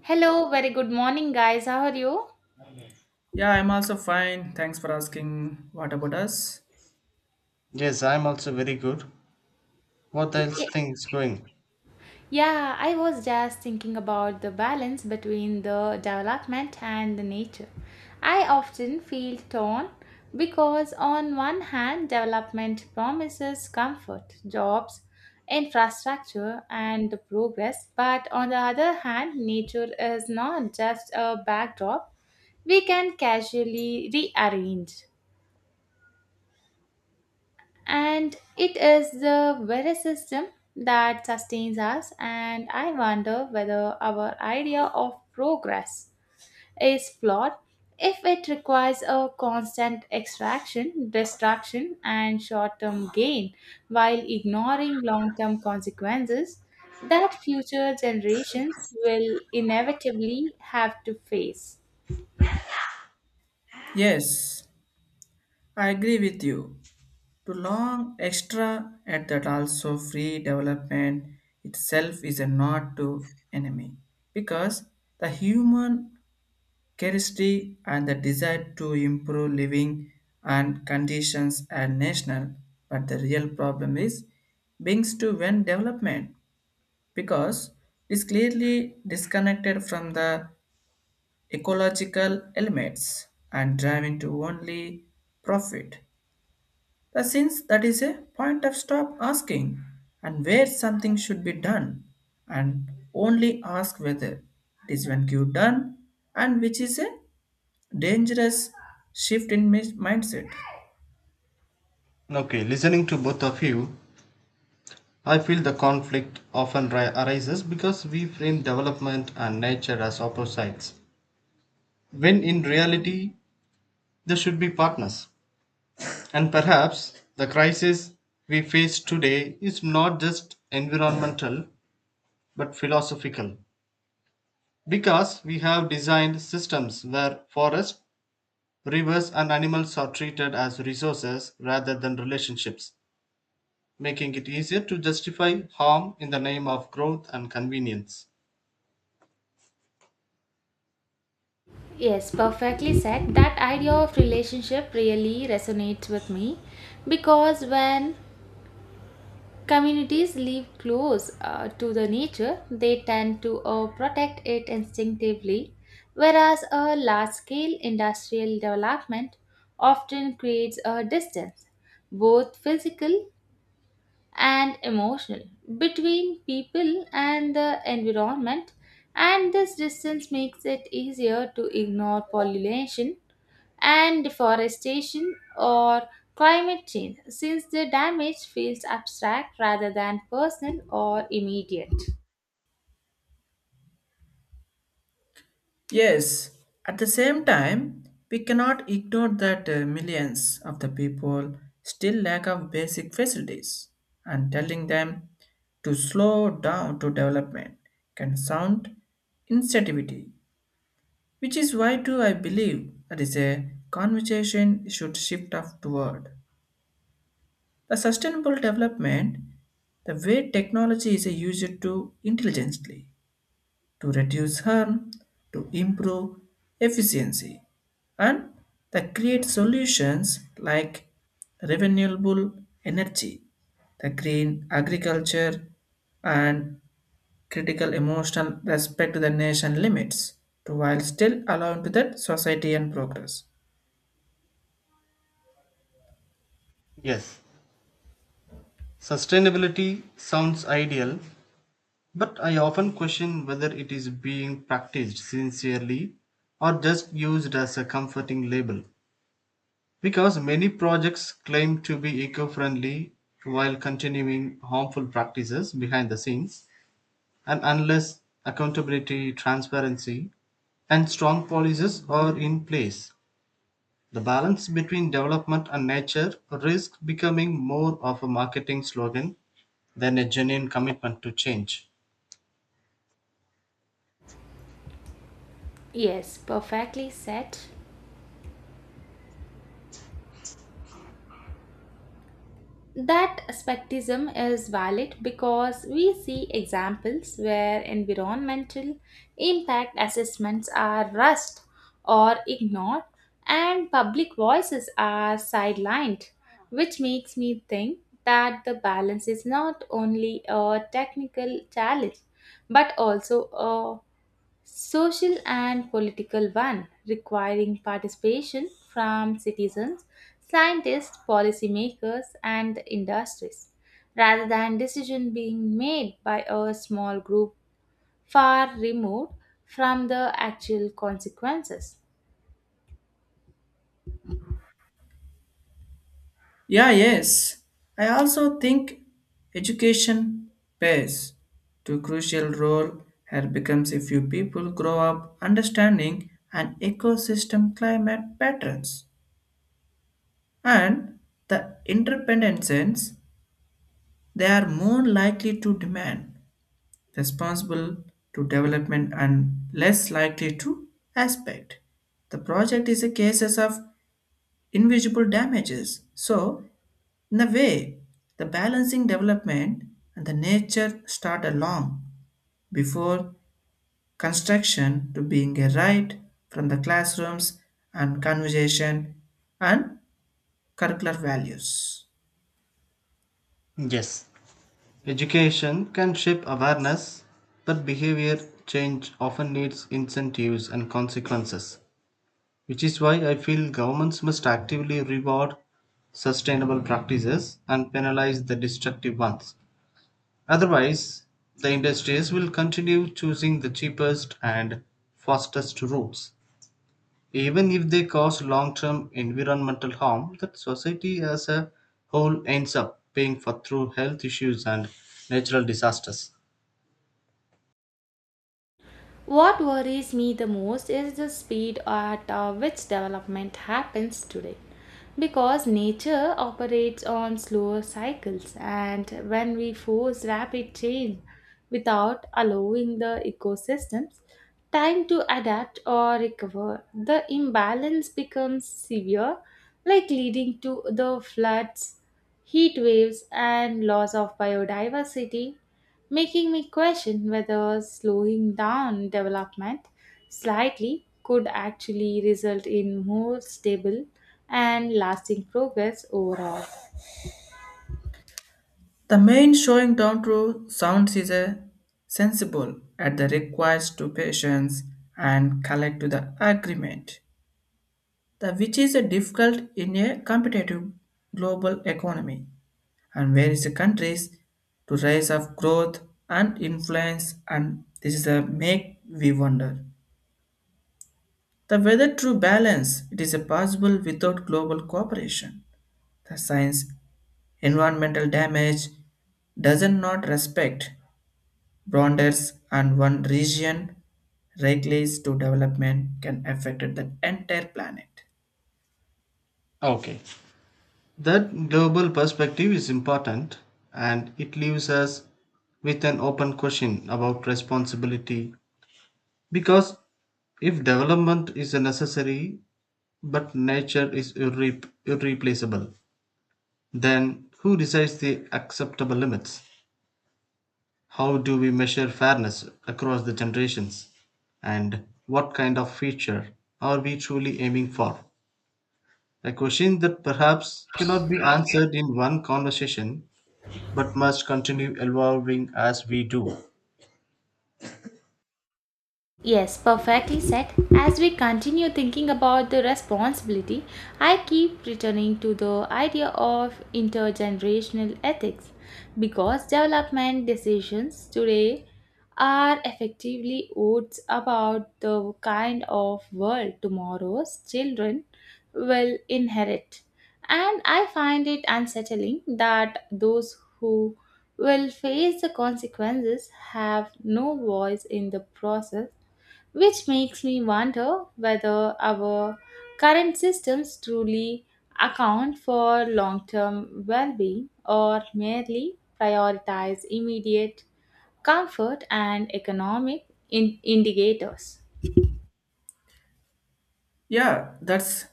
Hello, very good morning, guys. How are you? Yeah, I'm also fine. Thanks for asking. What about us? Yes, I'm also very good. What else Ye- things going? Yeah, I was just thinking about the balance between the development and the nature. I often feel torn because, on one hand, development promises comfort, jobs, infrastructure, and progress, but on the other hand, nature is not just a backdrop we can casually rearrange. And it is the very system that sustains us, and I wonder whether our idea of progress is flawed if it requires a constant extraction, distraction, and short term gain while ignoring long term consequences that future generations will inevitably have to face. Yes, I agree with you. To long extra at that also free development itself is a not to enemy because the human curiosity and the desire to improve living and conditions are national, but the real problem is brings to when development because it is clearly disconnected from the ecological elements and driven to only profit. The since that is a point of stop asking and where something should be done and only ask whether it is when you done and which is a dangerous shift in mindset. Okay, listening to both of you, I feel the conflict often arises because we frame development and nature as opposites. When in reality, they should be partners. And perhaps the crisis we face today is not just environmental but philosophical because we have designed systems where forests, rivers, and animals are treated as resources rather than relationships making it easier to justify harm in the name of growth and convenience. Yes, perfectly said. That idea of relationship really resonates with me because when communities live close to the nature, they tend to protect it instinctively, whereas a large scale industrial development often creates a distance, both physical and emotional, between people and the environment, and this distance makes it easier to ignore pollution and deforestation or climate change, since the damage feels abstract rather than personal or immediate. Yes, at the same time, we cannot ignore that millions of the people still lack of basic facilities and telling them to slow down to development can sound insensitivity, which is why too I believe that is a conversation should shift up toward the sustainable development, the way technology is used to intelligently to reduce harm, to improve efficiency, and that create solutions like renewable energy, the green agriculture, and critical emotional respect to the nation limits, to while still allowing to that society and progress. Yes, sustainability sounds ideal, but I often question whether it is being practiced sincerely or just used as a comforting label. Because many projects claim to be eco friendly while continuing harmful practices behind the scenes, and unless accountability, transparency, and strong policies are in place, the balance between development and nature risks becoming more of a marketing slogan than a genuine commitment to change. Yes, perfectly said. That skepticism is valid because we see examples where environmental impact assessments are rushed or ignored and public voices are sidelined, which makes me think that the balance is not only a technical challenge but also a social and political one requiring participation from citizens, scientists, policymakers, and industries, rather than decision being made by a small group far removed from the actual consequences. Yeah, yes. I also think education plays to crucial role here becomes if you people grow up understanding an ecosystem climate patterns and the interdependence they are more likely to demand responsible to development and less likely to aspect. The project is a cases of invisible damages. So in a way, the balancing development and the nature start along before construction to being a right from the classrooms and conversation and curricular values. Yes, education can shape awareness, but behavior change often needs incentives and consequences, which is why I feel governments must actively reward sustainable practices and penalize the destructive ones. Otherwise, the industries will continue choosing the cheapest and fastest routes, even if they cause long term environmental harm that society as a whole ends up paying for through health issues and natural disasters. What worries me the most is the speed at which development happens today. Because nature operates on slower cycles, and when we force rapid change without allowing the ecosystems time to adapt or recover, the imbalance becomes severe, like leading to the floods, heat waves, and loss of biodiversity making me question whether slowing down development slightly could actually result in more stable and lasting progress overall. The main showing down to sounds is a sensible at the request to patience and collect to the agreement, the which is a difficult in a competitive global economy, and where is the countries to rise of growth and influence, and this is a make we wonder the weather true balance it is a possible without global cooperation the science environmental damage doesn't not respect borders and one region regulates to development can affect the entire planet. Okay. That global perspective is important and it leaves us with an open question about responsibility because if development is a necessary but nature is irreplaceable, then who decides the acceptable limits? How do we measure fairness across the generations? And what kind of future are we truly aiming for? A question that perhaps cannot be answered in one conversation but must continue evolving as we do. Yes, perfectly said. As we continue thinking about the responsibility, I keep returning to the idea of intergenerational ethics because development decisions today are effectively votes about the kind of world tomorrow's children will inherit. And I find it unsettling that those who will face the consequences have no voice in the process which makes me wonder whether our current systems truly account for long term well being or merely prioritize immediate comfort and economic indicators. Yeah, that's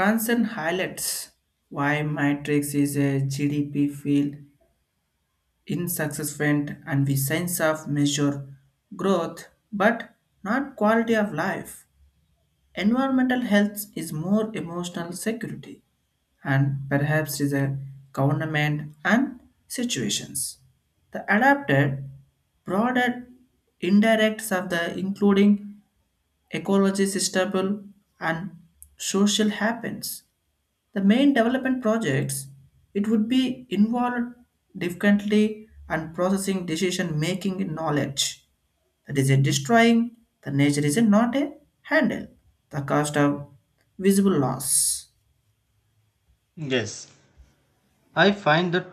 concern highlights why matrix is a GDP field in successment and we sense of measure growth but not quality of life, environmental health is more emotional security and perhaps is a government and situations the adapted broader indirects of the including ecology sustainable and social happens the main development projects, it would be involved differently and processing decision making in knowledge. That is a destroying, the nature is a not a handle. The cost of visible loss. Yes, I find that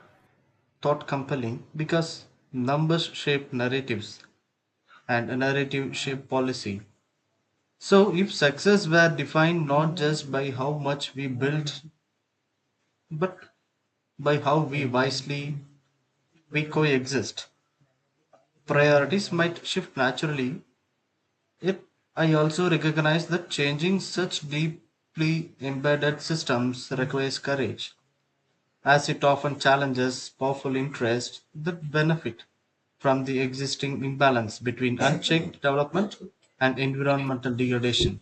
thought compelling because numbers shape narratives and a narrative shape policy. So, if success were defined not just by how much we built but by how we wisely we coexist. Priorities might shift naturally, yet I also recognize that changing such deeply embedded systems requires courage, as it often challenges powerful interests that benefit from the existing imbalance between unchecked development and environmental degradation.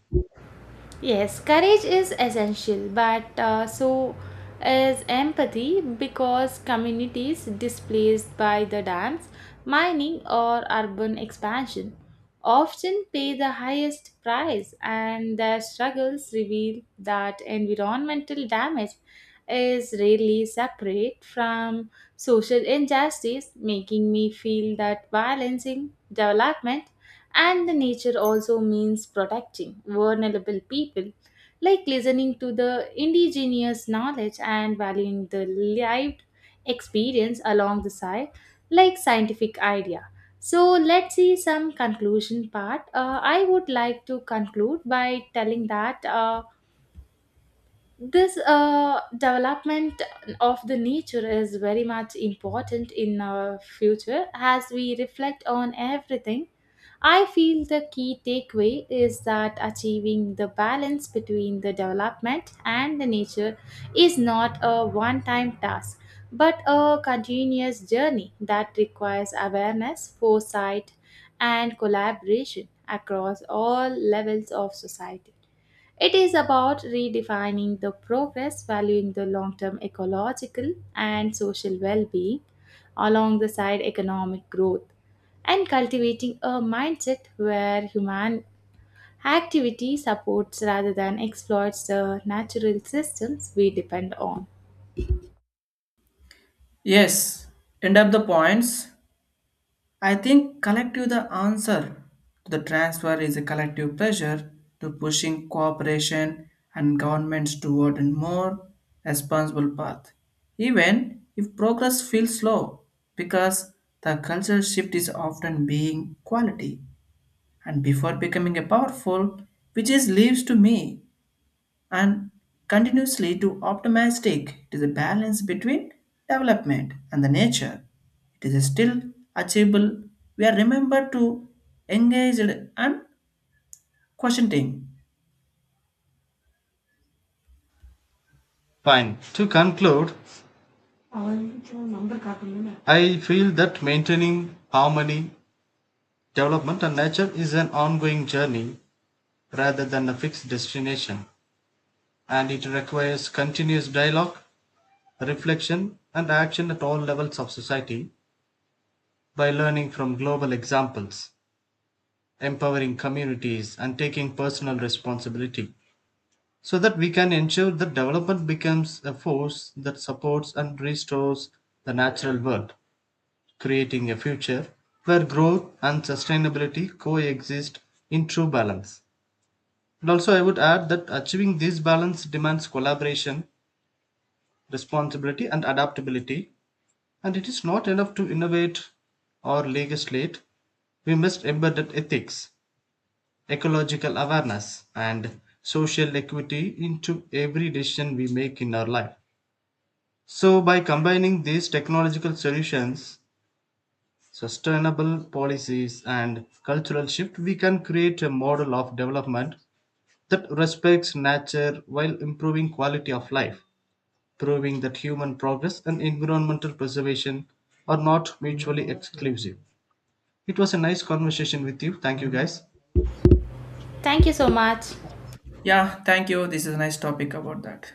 Yes, courage is essential, but so is empathy because communities displaced by the dams, mining, or urban expansion often pay the highest price, and their struggles reveal that environmental damage is rarely separate from social injustice, making me feel that balancing development and the nature also means protecting vulnerable people, like listening to the indigenous knowledge and valuing the lived experience along the side, like scientific idea. So let's see some conclusion part. I would like to conclude by telling that. This development of the nature is very much important in our future as we reflect on everything. I feel the key takeaway is that achieving the balance between the development and the nature is not a one time task but a continuous journey that requires awareness, foresight, and collaboration across all levels of society. It is about redefining the progress, valuing the long term ecological and social well being alongside economic growth, and cultivating a mindset where human activity supports rather than exploits the natural systems we depend on. Yes, end up the points. I think collective the answer to the transfer is a collective pressure to pushing cooperation and governments toward a more responsible path, even if progress feels slow, because the cultural shift is often being quality and before becoming a powerful, which is leaves to me and continuously to optimistic it is a balance between development and the nature it is still achievable we are remembered to engage and questioning. Fine. To conclude, I feel that maintaining harmony, development, and nature is an ongoing journey rather than a fixed destination, and it requires continuous dialogue, reflection, and action at all levels of society by learning from global examples, empowering communities, and taking personal responsibility so that we can ensure that development becomes a force that supports and restores the natural world, creating a future where growth and sustainability coexist in true balance. And also, I would add that achieving this balance demands collaboration responsibility and adaptability. And it is not enough to innovate or legislate. We must embed ethics, ecological awareness, and social equity into every decision we make in our life. So, by combining these technological solutions, sustainable policies, and cultural shift, we can create a model of development that respects nature while improving quality of life, proving that human progress and environmental preservation are not mutually exclusive. It was a nice conversation with you. Thank you, guys. Thank you so much. Yeah, thank you, this is a nice topic about that.